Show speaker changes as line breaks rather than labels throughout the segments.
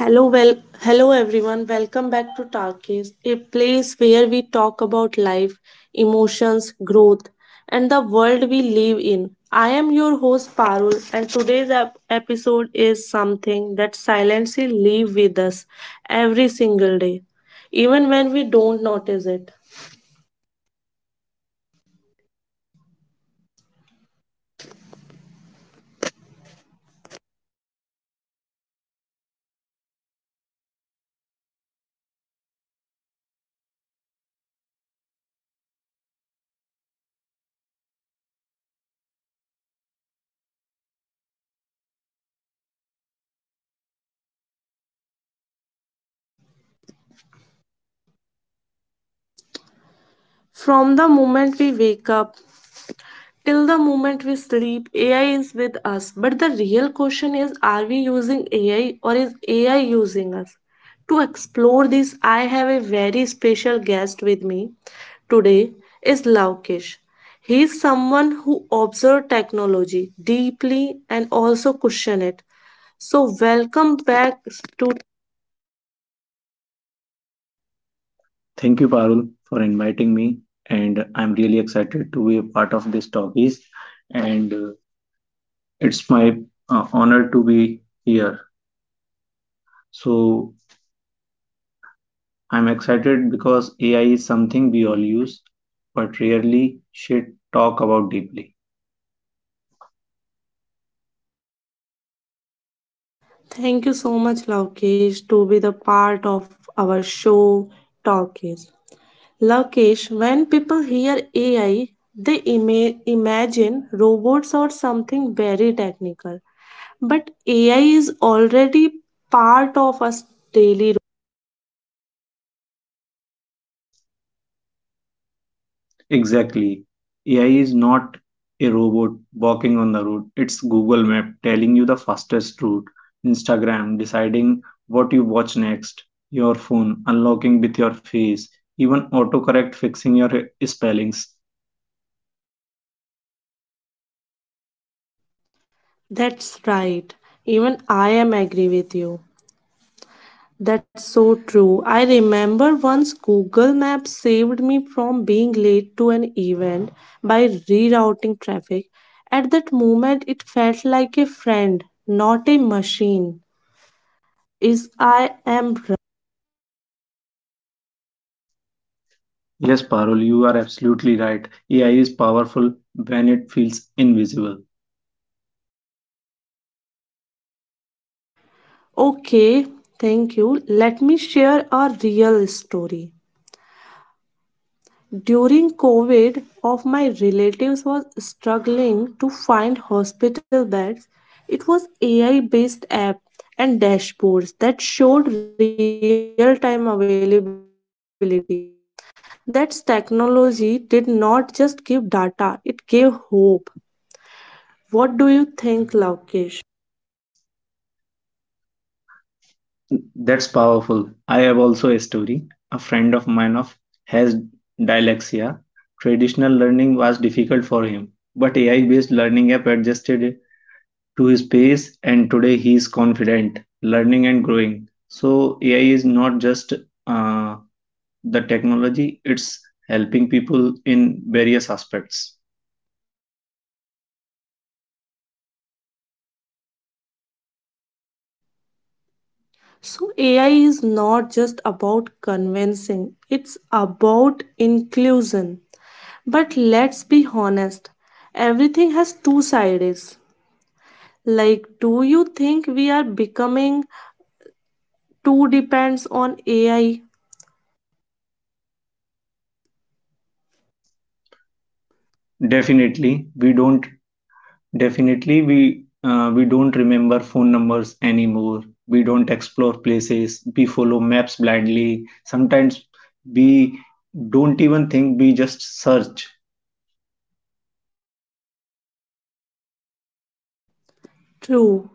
Hello, hello everyone. Welcome back to Talkies, a place where we talk about life, emotions, growth, and the world we live in. I am your host Parul, and today's episode is something that silently live with us every single day, even when we don't notice it. From the moment we wake up till the moment we sleep, AI is with us. But the real question is, are we using AI or is AI using us? To explore this, I have a very special guest with me today is Laukesh. He is someone who observes technology deeply and also question it. So welcome back to
Thank you, Parul, for inviting me. And I'm really excited to be a part of this talkies. And It's my honor to be here. So I'm excited because AI is something we all use, but rarely should talk about deeply.
Thank you so much Laukesh to be the part of our show Talkies. Lokesh, when people hear AI, they imagine robots or something very technical. But AI is already part of us daily.
Exactly. AI is not a robot walking on the road. It's Google Map telling you the fastest route, Instagram deciding what you watch next, your phone unlocking with your face, even autocorrect fixing your spellings.
That's right. Even I am agree with you. That's so true. I remember once Google Maps saved me from being late to an event by rerouting traffic. At that moment, it felt like a friend, not a machine. Is I am
Yes, Parul, you are absolutely right. AI is powerful when it feels invisible.
Okay, thank you. Let me share a real story. During COVID, of my relatives was struggling to find hospital beds. It was AI-based app and dashboards that showed real-time availability. That technology did not just give data, it gave hope. What do you think, Laukesh?
That's powerful. I have also a story. A friend of mine of has dyslexia. Traditional learning was difficult for him, but AI-based learning app adjusted it to his pace and today he is confident, learning and growing. So AI is not just uh, the technology, it's helping people in various aspects.
So, AI is not just about convincing, it's about inclusion. But let's be honest, everything has two sides. Like, do you think we are becoming too depends on AI?
Definitely, we don't Definitely we don't remember phone numbers anymore. We don't explore places. We follow maps blindly. Sometimes we don't even think, we just search.
True.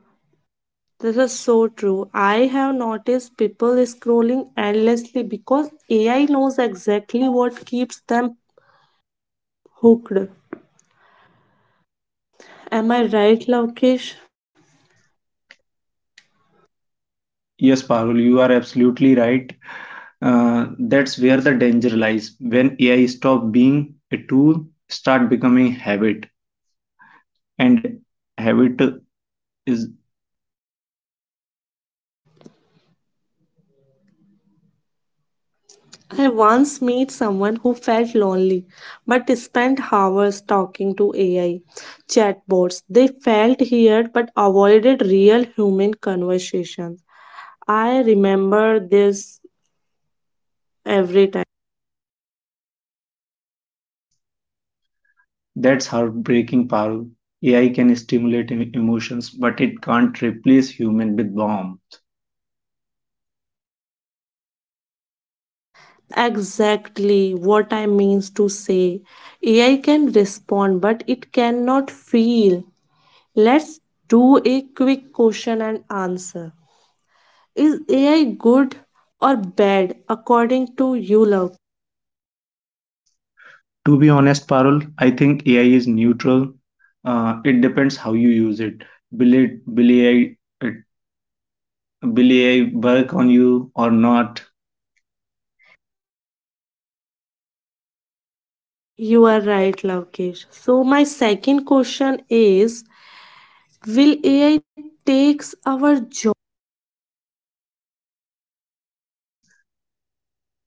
This is so true. I have noticed people scrolling endlessly because AI knows exactly what keeps them hooked. Am I right, Lavkesh?
Yes, Parul, you are absolutely right. That's where the danger lies. When AI stop being a tool, start becoming habit. And habit is
I once met someone who felt lonely but spent hours talking to AI chatbots. They felt heard but avoided real human conversations. I remember this every time.
That's heartbreaking, Parul. AI can stimulate emotions, but it can't replace human with warmth.
Exactly what I means to say. AI can respond but it cannot feel. Let's do a quick question and answer. Is AI good or bad according to you, love?
To be honest, Parul, I think AI is neutral. It depends how you use it. Will it will AI it, will AI work on you or not?
You are right, Lavkesh. So my second question is, will AI takes our job?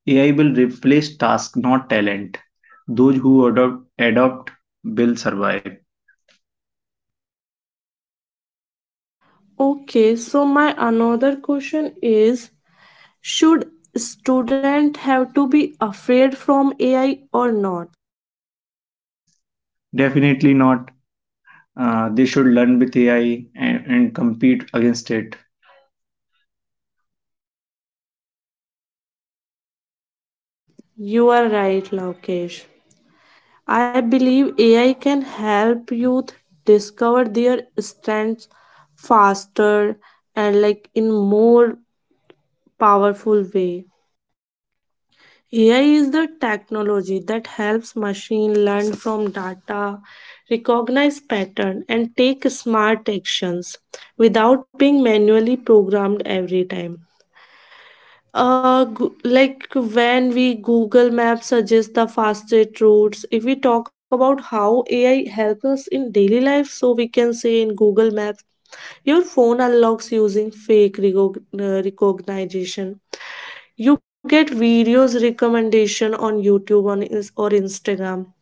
AI will replace tasks, not talent. Those who adopt will survive.
Okay, so my another question is, should student have to be afraid from AI or not?
Definitely not. They should learn with AI and compete against it.
You are right, Lavkesh. I believe AI can help youth discover their strengths faster and like in more powerful way. AI is the technology that helps machine learn from data, recognize pattern and take smart actions without being manually programmed every time. Like when we Google Maps suggests the fastest routes, if we talk about how AI helps us in daily life, so we can say in Google Maps, your phone unlocks using recognition, you get videos recommendation on YouTube on Ins- or Instagram,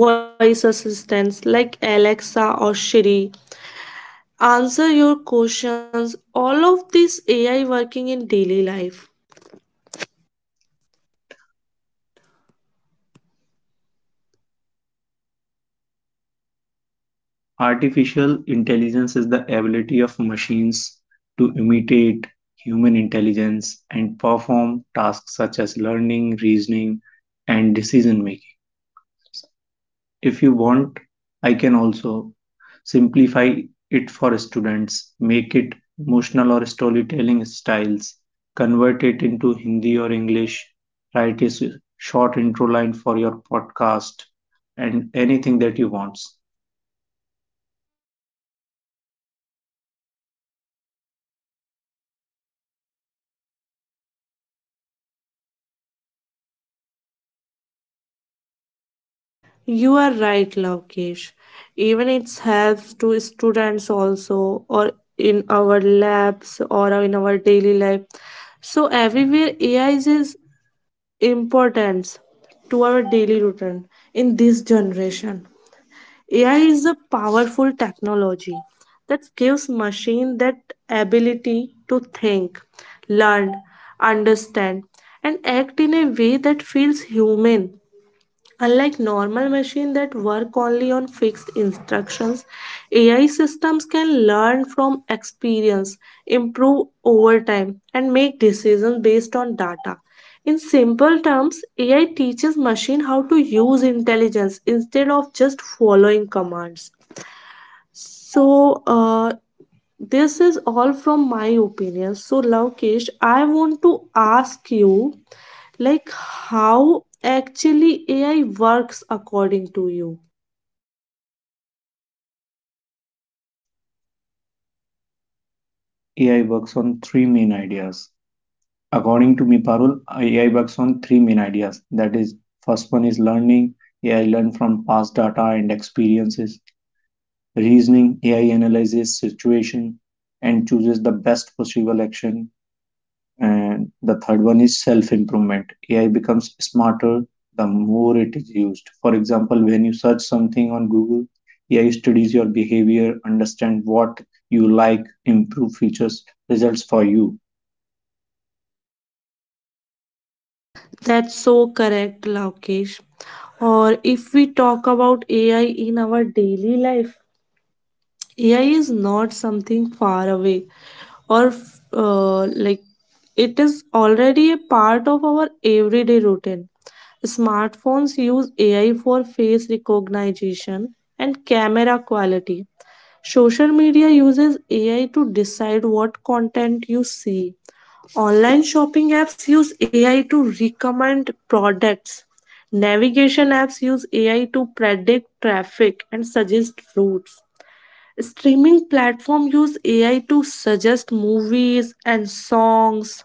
voice assistants like Alexa or Siri answer your questions. All of this AI working in daily life.
Artificial intelligence is the ability of machines to imitate human intelligence and perform tasks such as learning, reasoning, and decision making. If you want, I can also simplify it for students, make it emotional or storytelling styles, convert it into Hindi or English, write a short intro line for your podcast, and anything that you want.
You are right, Lavkesh. Even it helps to students also or in our labs or in our daily life. So everywhere AI is importance to our daily routine. In this generation, AI is a powerful technology that gives machine that ability to think, learn, understand and act in a way that feels human. Unlike normal machines that work only on fixed instructions, AI systems can learn from experience, improve over time, and make decisions based on data. In simple terms, AI teaches machine how to use intelligence instead of just following commands. So this is all from my opinion. So, Lavkesh, I want to ask you like how actually AI works according to you.
AI works on three main ideas According to me, Parul, AI works on three main ideas. That is, first one is learning. AI learn from past data and experiences. Reasoning, AI analyzes situation and chooses the best possible action. And the third one is self-improvement. AI becomes smarter the more it is used. For example, when you search something on Google, AI studies your behavior, understand what you like, improve features results for you.
That's so correct, Laukesh. Or if we talk about AI in our daily life, AI is not something far away or like it is already a part of our everyday routine. Smartphones use AI for face recognition and camera quality. Social media uses AI to decide what content you see. Online shopping apps use AI to recommend products. Navigation apps use AI to predict traffic and suggest routes. Streaming platform use AI to suggest movies and songs.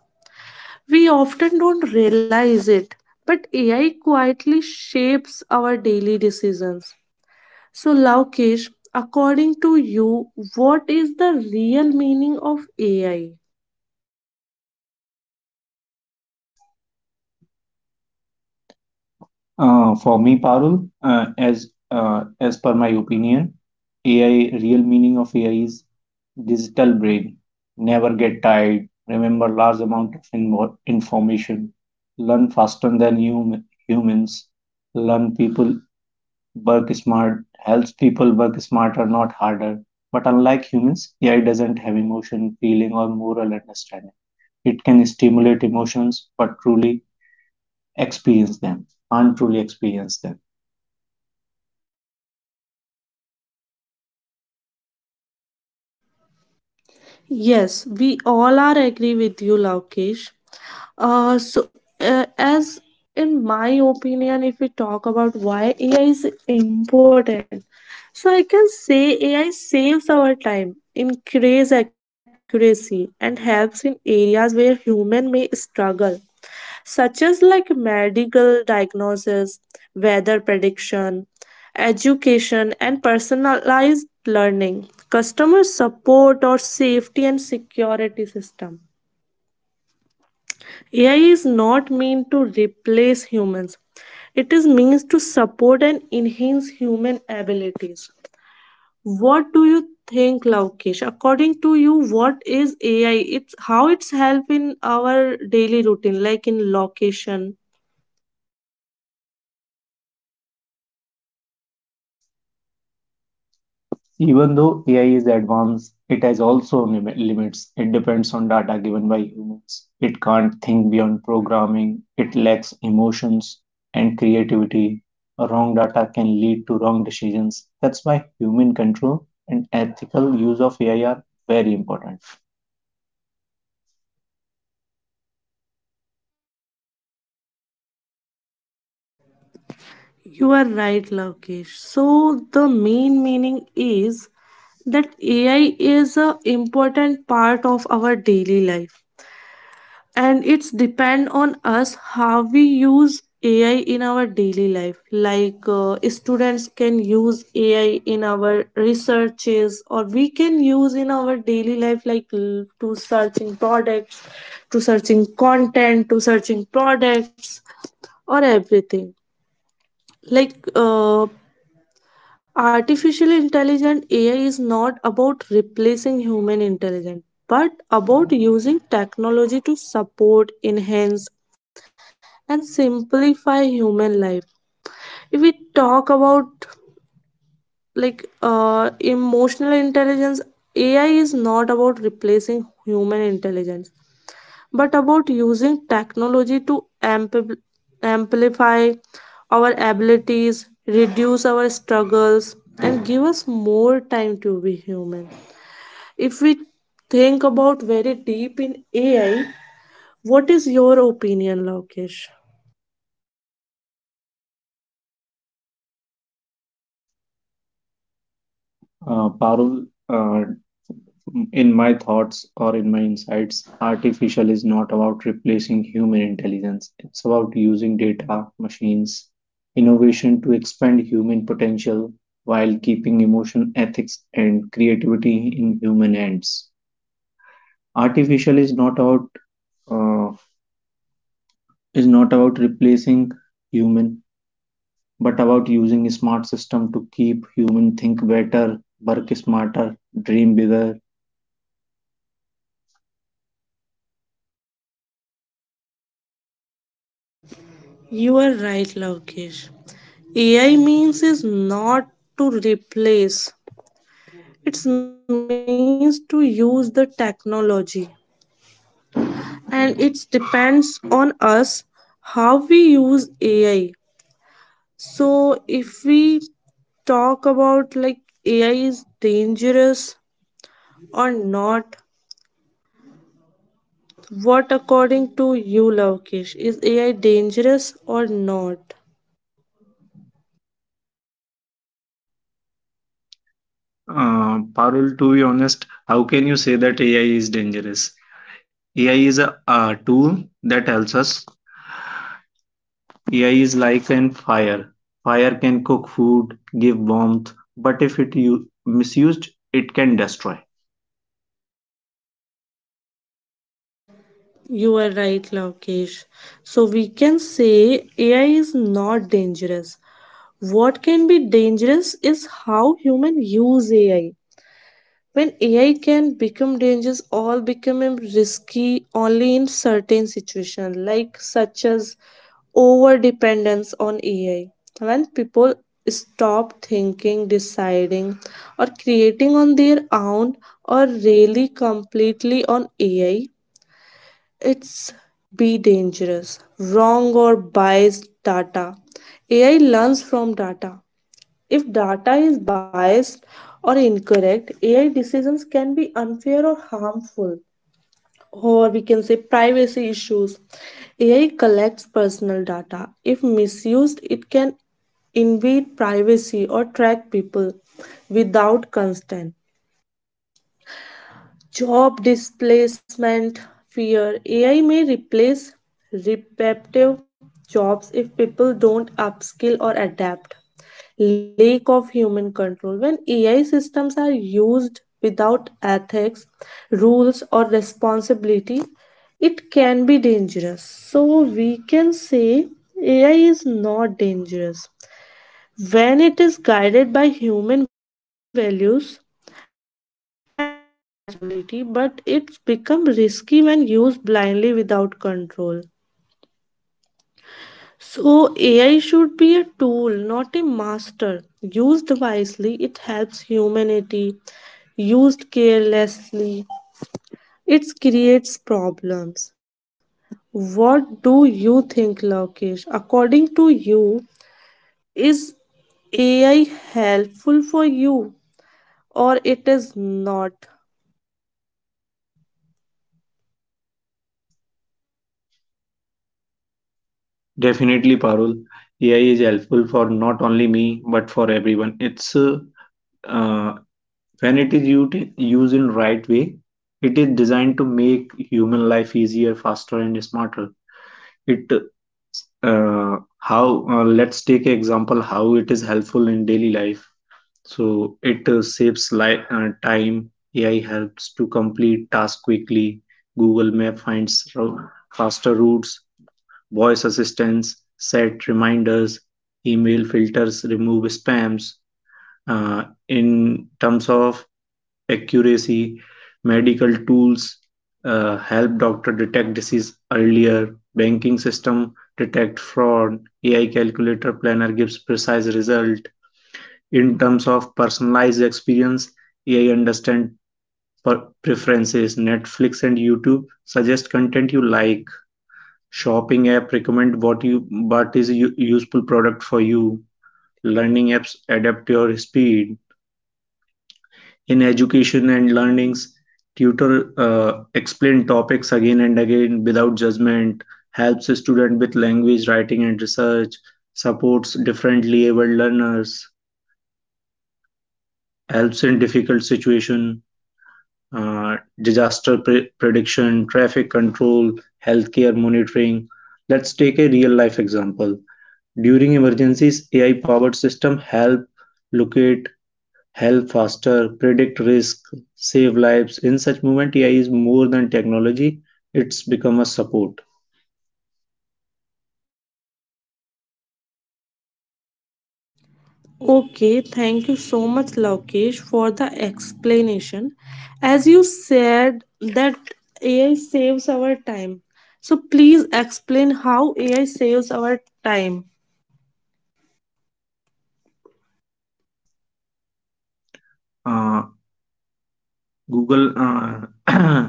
We often don't realize it, but AI quietly shapes our daily decisions. So, Laukesh, according to you, what is the real meaning of AI?
For me, Parul, as per my opinion, AI real meaning of AI is digital brain. Never get tired. Remember large amount of information. Learn faster than humans. Learn people work smart. Helps people work smarter, not harder. But unlike humans, AI doesn't have emotion, feeling, or moral understanding. It can stimulate emotions, but truly experience them. Can't truly experience them.
Yes, we all are agree with you, Laukesh. As in my opinion, if we talk about why AI is important, so I can say AI saves our time, increase accuracy, and helps in areas where human may struggle such as like medical diagnosis, weather prediction, education, and personalized learning, customer support or safety and security system. AI is not meant to replace humans. It is means to support and enhance human abilities. What do you think, Laukesh? According to you, what is AI? It's how it's help in our daily routine, like in location.
Even though AI is advanced, it has also limits. It depends on data given by humans. It can't think beyond programming. It lacks emotions and creativity. Wrong data can lead to wrong decisions. That's why human control and ethical use of AI are very important.
You are right, Lavkesh. So the main meaning is that AI is a important part of our daily life and it's depend on us how we use AI in our daily life. Like students can use AI in our researches or we can use in our daily life like l- to searching products, to searching content, to searching products or everything like uh, artificial intelligent AI is not about replacing human intelligence, but about using technology to support, enhance, and simplify human life. If we talk about like emotional intelligence, AI is not about replacing human intelligence, but about using technology to amplify our abilities, reduce our struggles, and give us more time to be human. If we think about very deep in AI, what is your opinion, Lokesh?
Parul, in my thoughts or in my insights, artificial is not about replacing human intelligence. It's about using data, machines, innovation to expand human potential while keeping emotion, ethics, and creativity in human hands. Artificial is not about uh, is not about replacing human, but about using a smart system to keep human think better, work smarter, dream bigger.
You are right, Lokesh. AI means is not to replace. It means to use the technology and it depends on us how we use AI. So if we talk about like AI is dangerous or not, what according to you, Lavkesh, is AI dangerous or not?
Parul, to be honest, how can you say that AI is dangerous? AI is a tool that helps us. AI is like an fire. Fire can cook food, give warmth, but if it misused, it can destroy.
You are right, Lavkesh. So we can say AI is not dangerous. What can be dangerous is how human use AI. When AI can become dangerous, all becoming risky only in certain situations, like such as over dependence on AI. When people stop thinking, deciding, or creating on their own, or really completely on AI, it's be dangerous. Wrong or biased data. AI learns from data, if data is biased or incorrect, AI decisions can be unfair or harmful, or we can say privacy issues. AI collects personal data. If misused, it can invade privacy or track people without consent. Job displacement fear, AI may replace repetitive jobs if people don't upskill or adapt. Lack of human control, when AI systems are used without ethics, rules or responsibility, it can be dangerous. So we can say AI is not dangerous when it is guided by human values and responsibility, but it's become risky when used blindly without control. So, AI should be a tool, not a master. Used wisely, it helps humanity. Used carelessly, it creates problems. What do you think, Lokesh? According to you, is AI helpful for you? Or it is not.
Definitely, Parul, AI is helpful for not only me but for everyone. It's uh, when it is used in right way, it is designed to make human life easier, faster, and smarter. It how let's take an example how it is helpful in daily life, so it saves time. AI helps to complete tasks quickly. Google Map finds faster routes. Voice assistance set reminders. Email filters remove spams. Uh, in terms of accuracy, medical tools help doctor detect disease earlier. Banking system detect fraud. AI calculator planner gives precise result. In terms of personalized experience, AI understand preferences. Netflix and YouTube suggest content you like. Shopping app recommend what is a useful product for you. Learning apps adapt your speed. In "Education and Learnings", tutor explain topics again and again without judgment, helps a student with language, writing and research, supports differently abled learners, helps in difficult situations, disaster prediction, traffic control, healthcare monitoring. Let's take a real life example. During emergencies, AI powered system help locate Help faster, predict risk, save lives. In such moment, AI is more than technology. It's become a support.
Okay, thank you so much, Lokesh, for the explanation. As you said that AI saves our time. So please explain how AI saves our time.
Uh, Google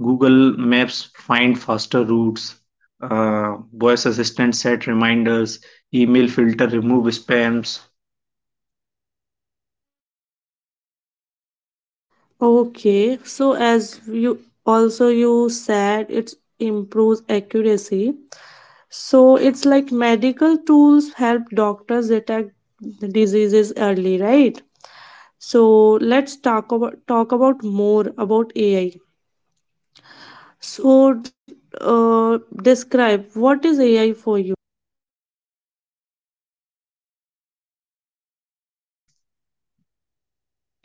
Google Maps find faster routes. Voice assistant set reminders. Email filter remove spams.
Okay, so as you also you said it improves accuracy. So it's like medical tools help doctors detect diseases early, right? So let's talk about more about AI. So describe what is AI for you.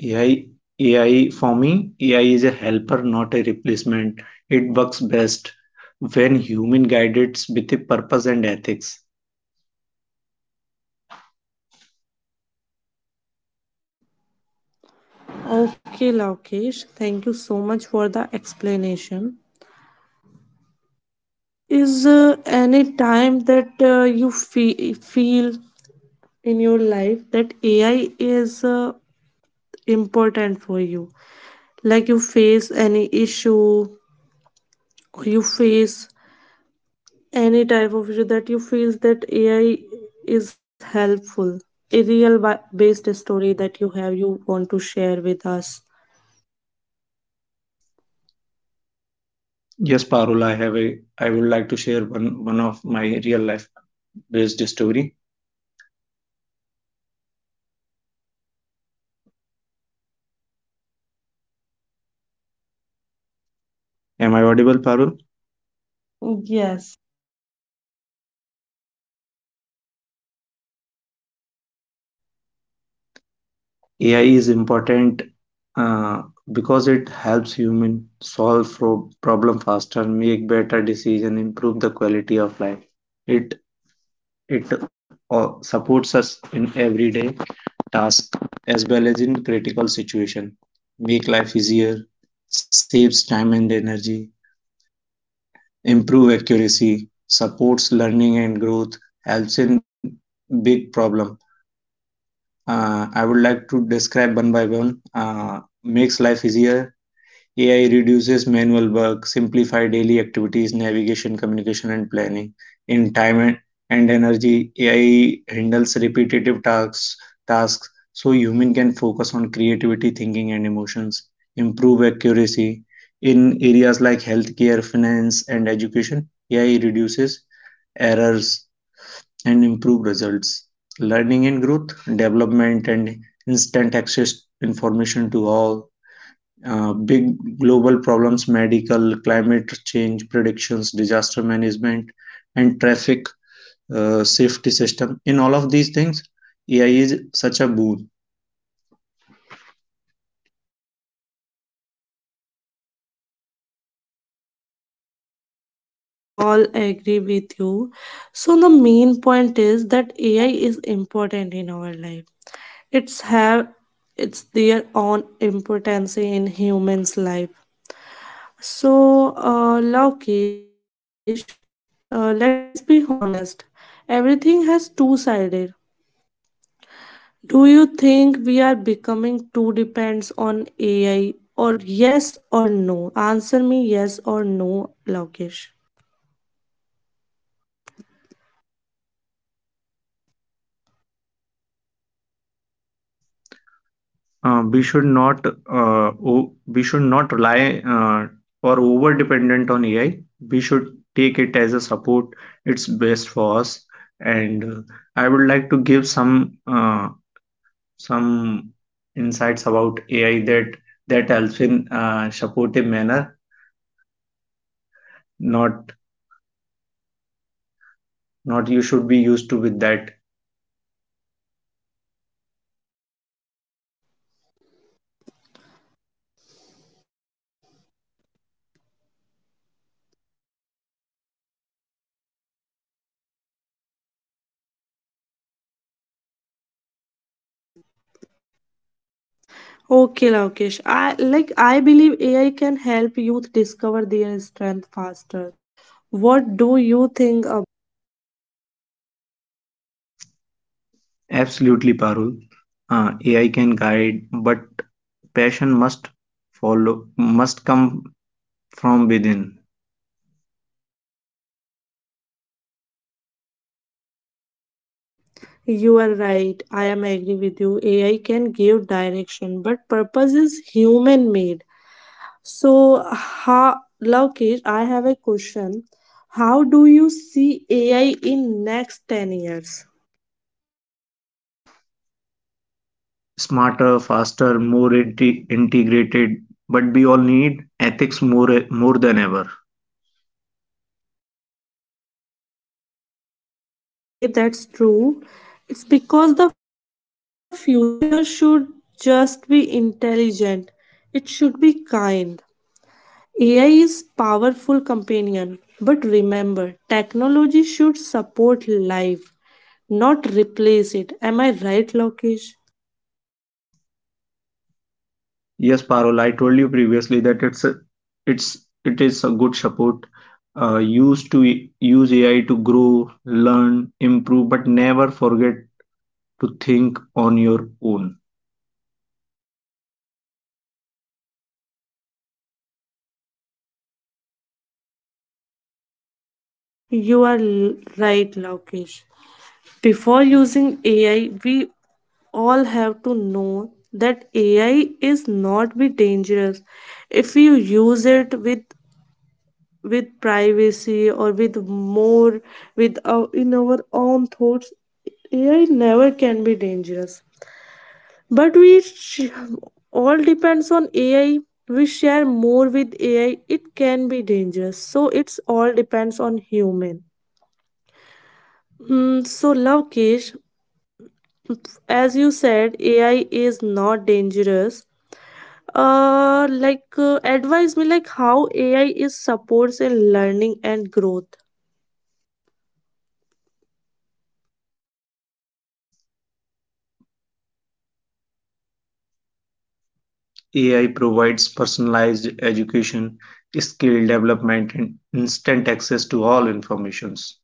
AI for me AI is a helper, not a replacement. It works best when human guided with a purpose and ethics.
Okay, Lakesh, thank you so much for the explanation. Is any time that you feel in your life that AI is important for you? Like you face any issue, or you face any type of issue that you feel that AI is helpful, a real based story that you have you want to share with us.
Yes, Parul, I have a. I would like to share one of my real life based story. Am I audible, Parul? Yes. AI is important uh, because it helps human solve problem faster, make better decision, improve the quality of life. It it supports us in everyday task as well as in critical situation, make life easier, saves time and energy, improve accuracy, supports learning and growth, helps in big problem. I would like to describe one by one. Makes life easier, AI reduces manual work, simplify daily activities, navigation, communication, and planning. In time and energy, AI handles repetitive tasks so human can focus on creativity, thinking, and emotions. Improve accuracy in areas like healthcare, finance, and education. AI reduces errors and improve results. Learning and growth, development, and instant access information to all, big global problems, medical, climate change predictions, disaster management, and traffic safety system. In all of these things, AI is such a boon.
Yes, Lokesh, we are all agree with you. So the main point is that AI is important in our life. It's have it's their own importance in humans' life. So, Lokesh, let's be honest. Everything has two sided. Do you think we are becoming too depends on AI or yes or no? Answer me yes or no, Laukesh.
We should not o- we should not rely or over dependent on AI. We should take it as a support. It's best for us. And I would like to give some insights about AI that helps in supportive manner. Not, not you should be used to with that.
Okay, Laukesh. I believe AI can help youth discover their strength faster. What do you think about
Absolutely, Parul. AI can guide, but passion must must come from within.
You are right. I am agree with you. AI can give direction, but purpose is human made. So, how, Lokesh, I have a question. How do you see AI in next 10 years?
Smarter, faster, more integrated. But we all need ethics more than ever.
Okay, that's true. It's because the future should just be intelligent. It should be kind. AI is powerful companion, but remember, technology should support life, not replace it. Am I right, Lokesh?
Yes, Parul, I told you previously that it is a good support. Use AI to grow, learn, improve, but never forget to think on your own.
You are right, Lokesh. Before using AI, we all have to know that AI is not be dangerous. If you use it with privacy or with more with in our own thoughts, AI never can be dangerous. But we all depends on AI. We share more with AI, it can be dangerous. So it's all depends on human. Hmm. So love, as you said AI is not dangerous, like advise me like how AI is supports in learning and growth.
AI provides personalized education, skill development, and instant access to all informations.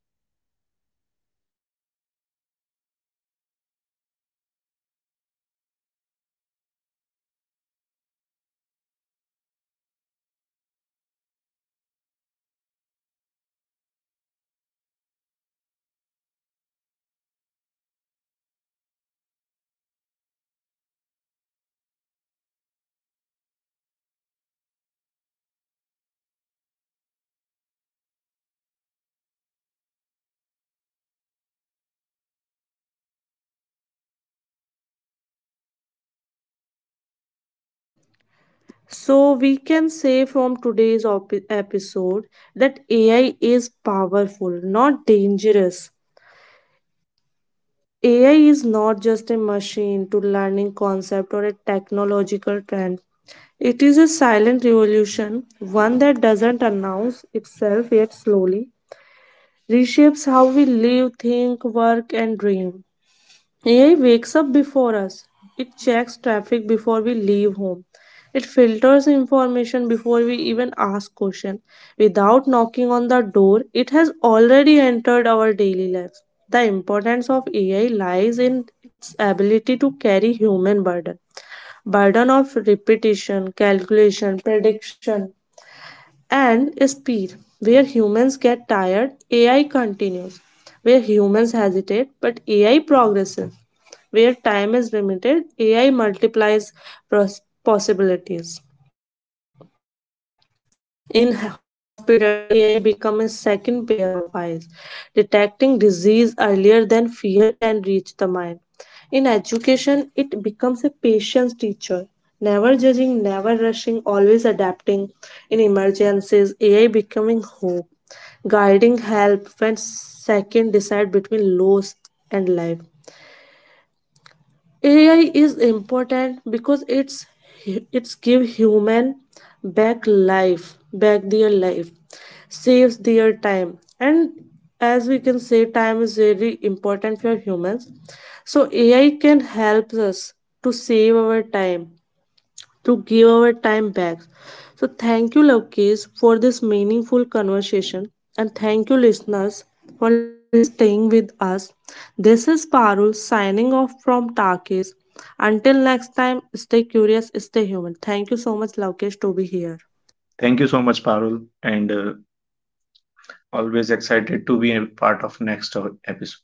So we can say from today's episode that AI is powerful not dangerous. AI is not just a machine to learning concept or a technological trend. It is a silent revolution, one that doesn't announce itself yet slowly reshapes how we live, think, work, and dream. AI wakes up before us. It checks traffic before we leave home. It filters information before we even ask questions. Without knocking on the door, it has already entered our daily lives. The importance of AI lies in its ability to carry human burden. Burden of repetition, calculation, prediction, and speed. Where humans get tired, AI continues. Where humans hesitate, but AI progresses. Where time is limited, AI multiplies possibilities. In hospitals, AI becomes a second pair of eyes, detecting disease earlier than fear can reach the mind. In education, it becomes a patience teacher, never judging, never rushing, always adapting. In emergencies, AI becoming hope, guiding help when second decide between loss and life. AI is important because it's give human back life, back their life, saves their time, and as we can say, time is very important for humans. So AI can help us to save our time, to give our time back. So thank you, Lokesh, for this meaningful conversation, and thank you, listeners, for staying with us. This is Parul signing off from Takis. Until next time, stay curious, stay human. Thank you so much, Lokesh, to be here.
Thank you so much, Parul, and always excited to be a part of next episode.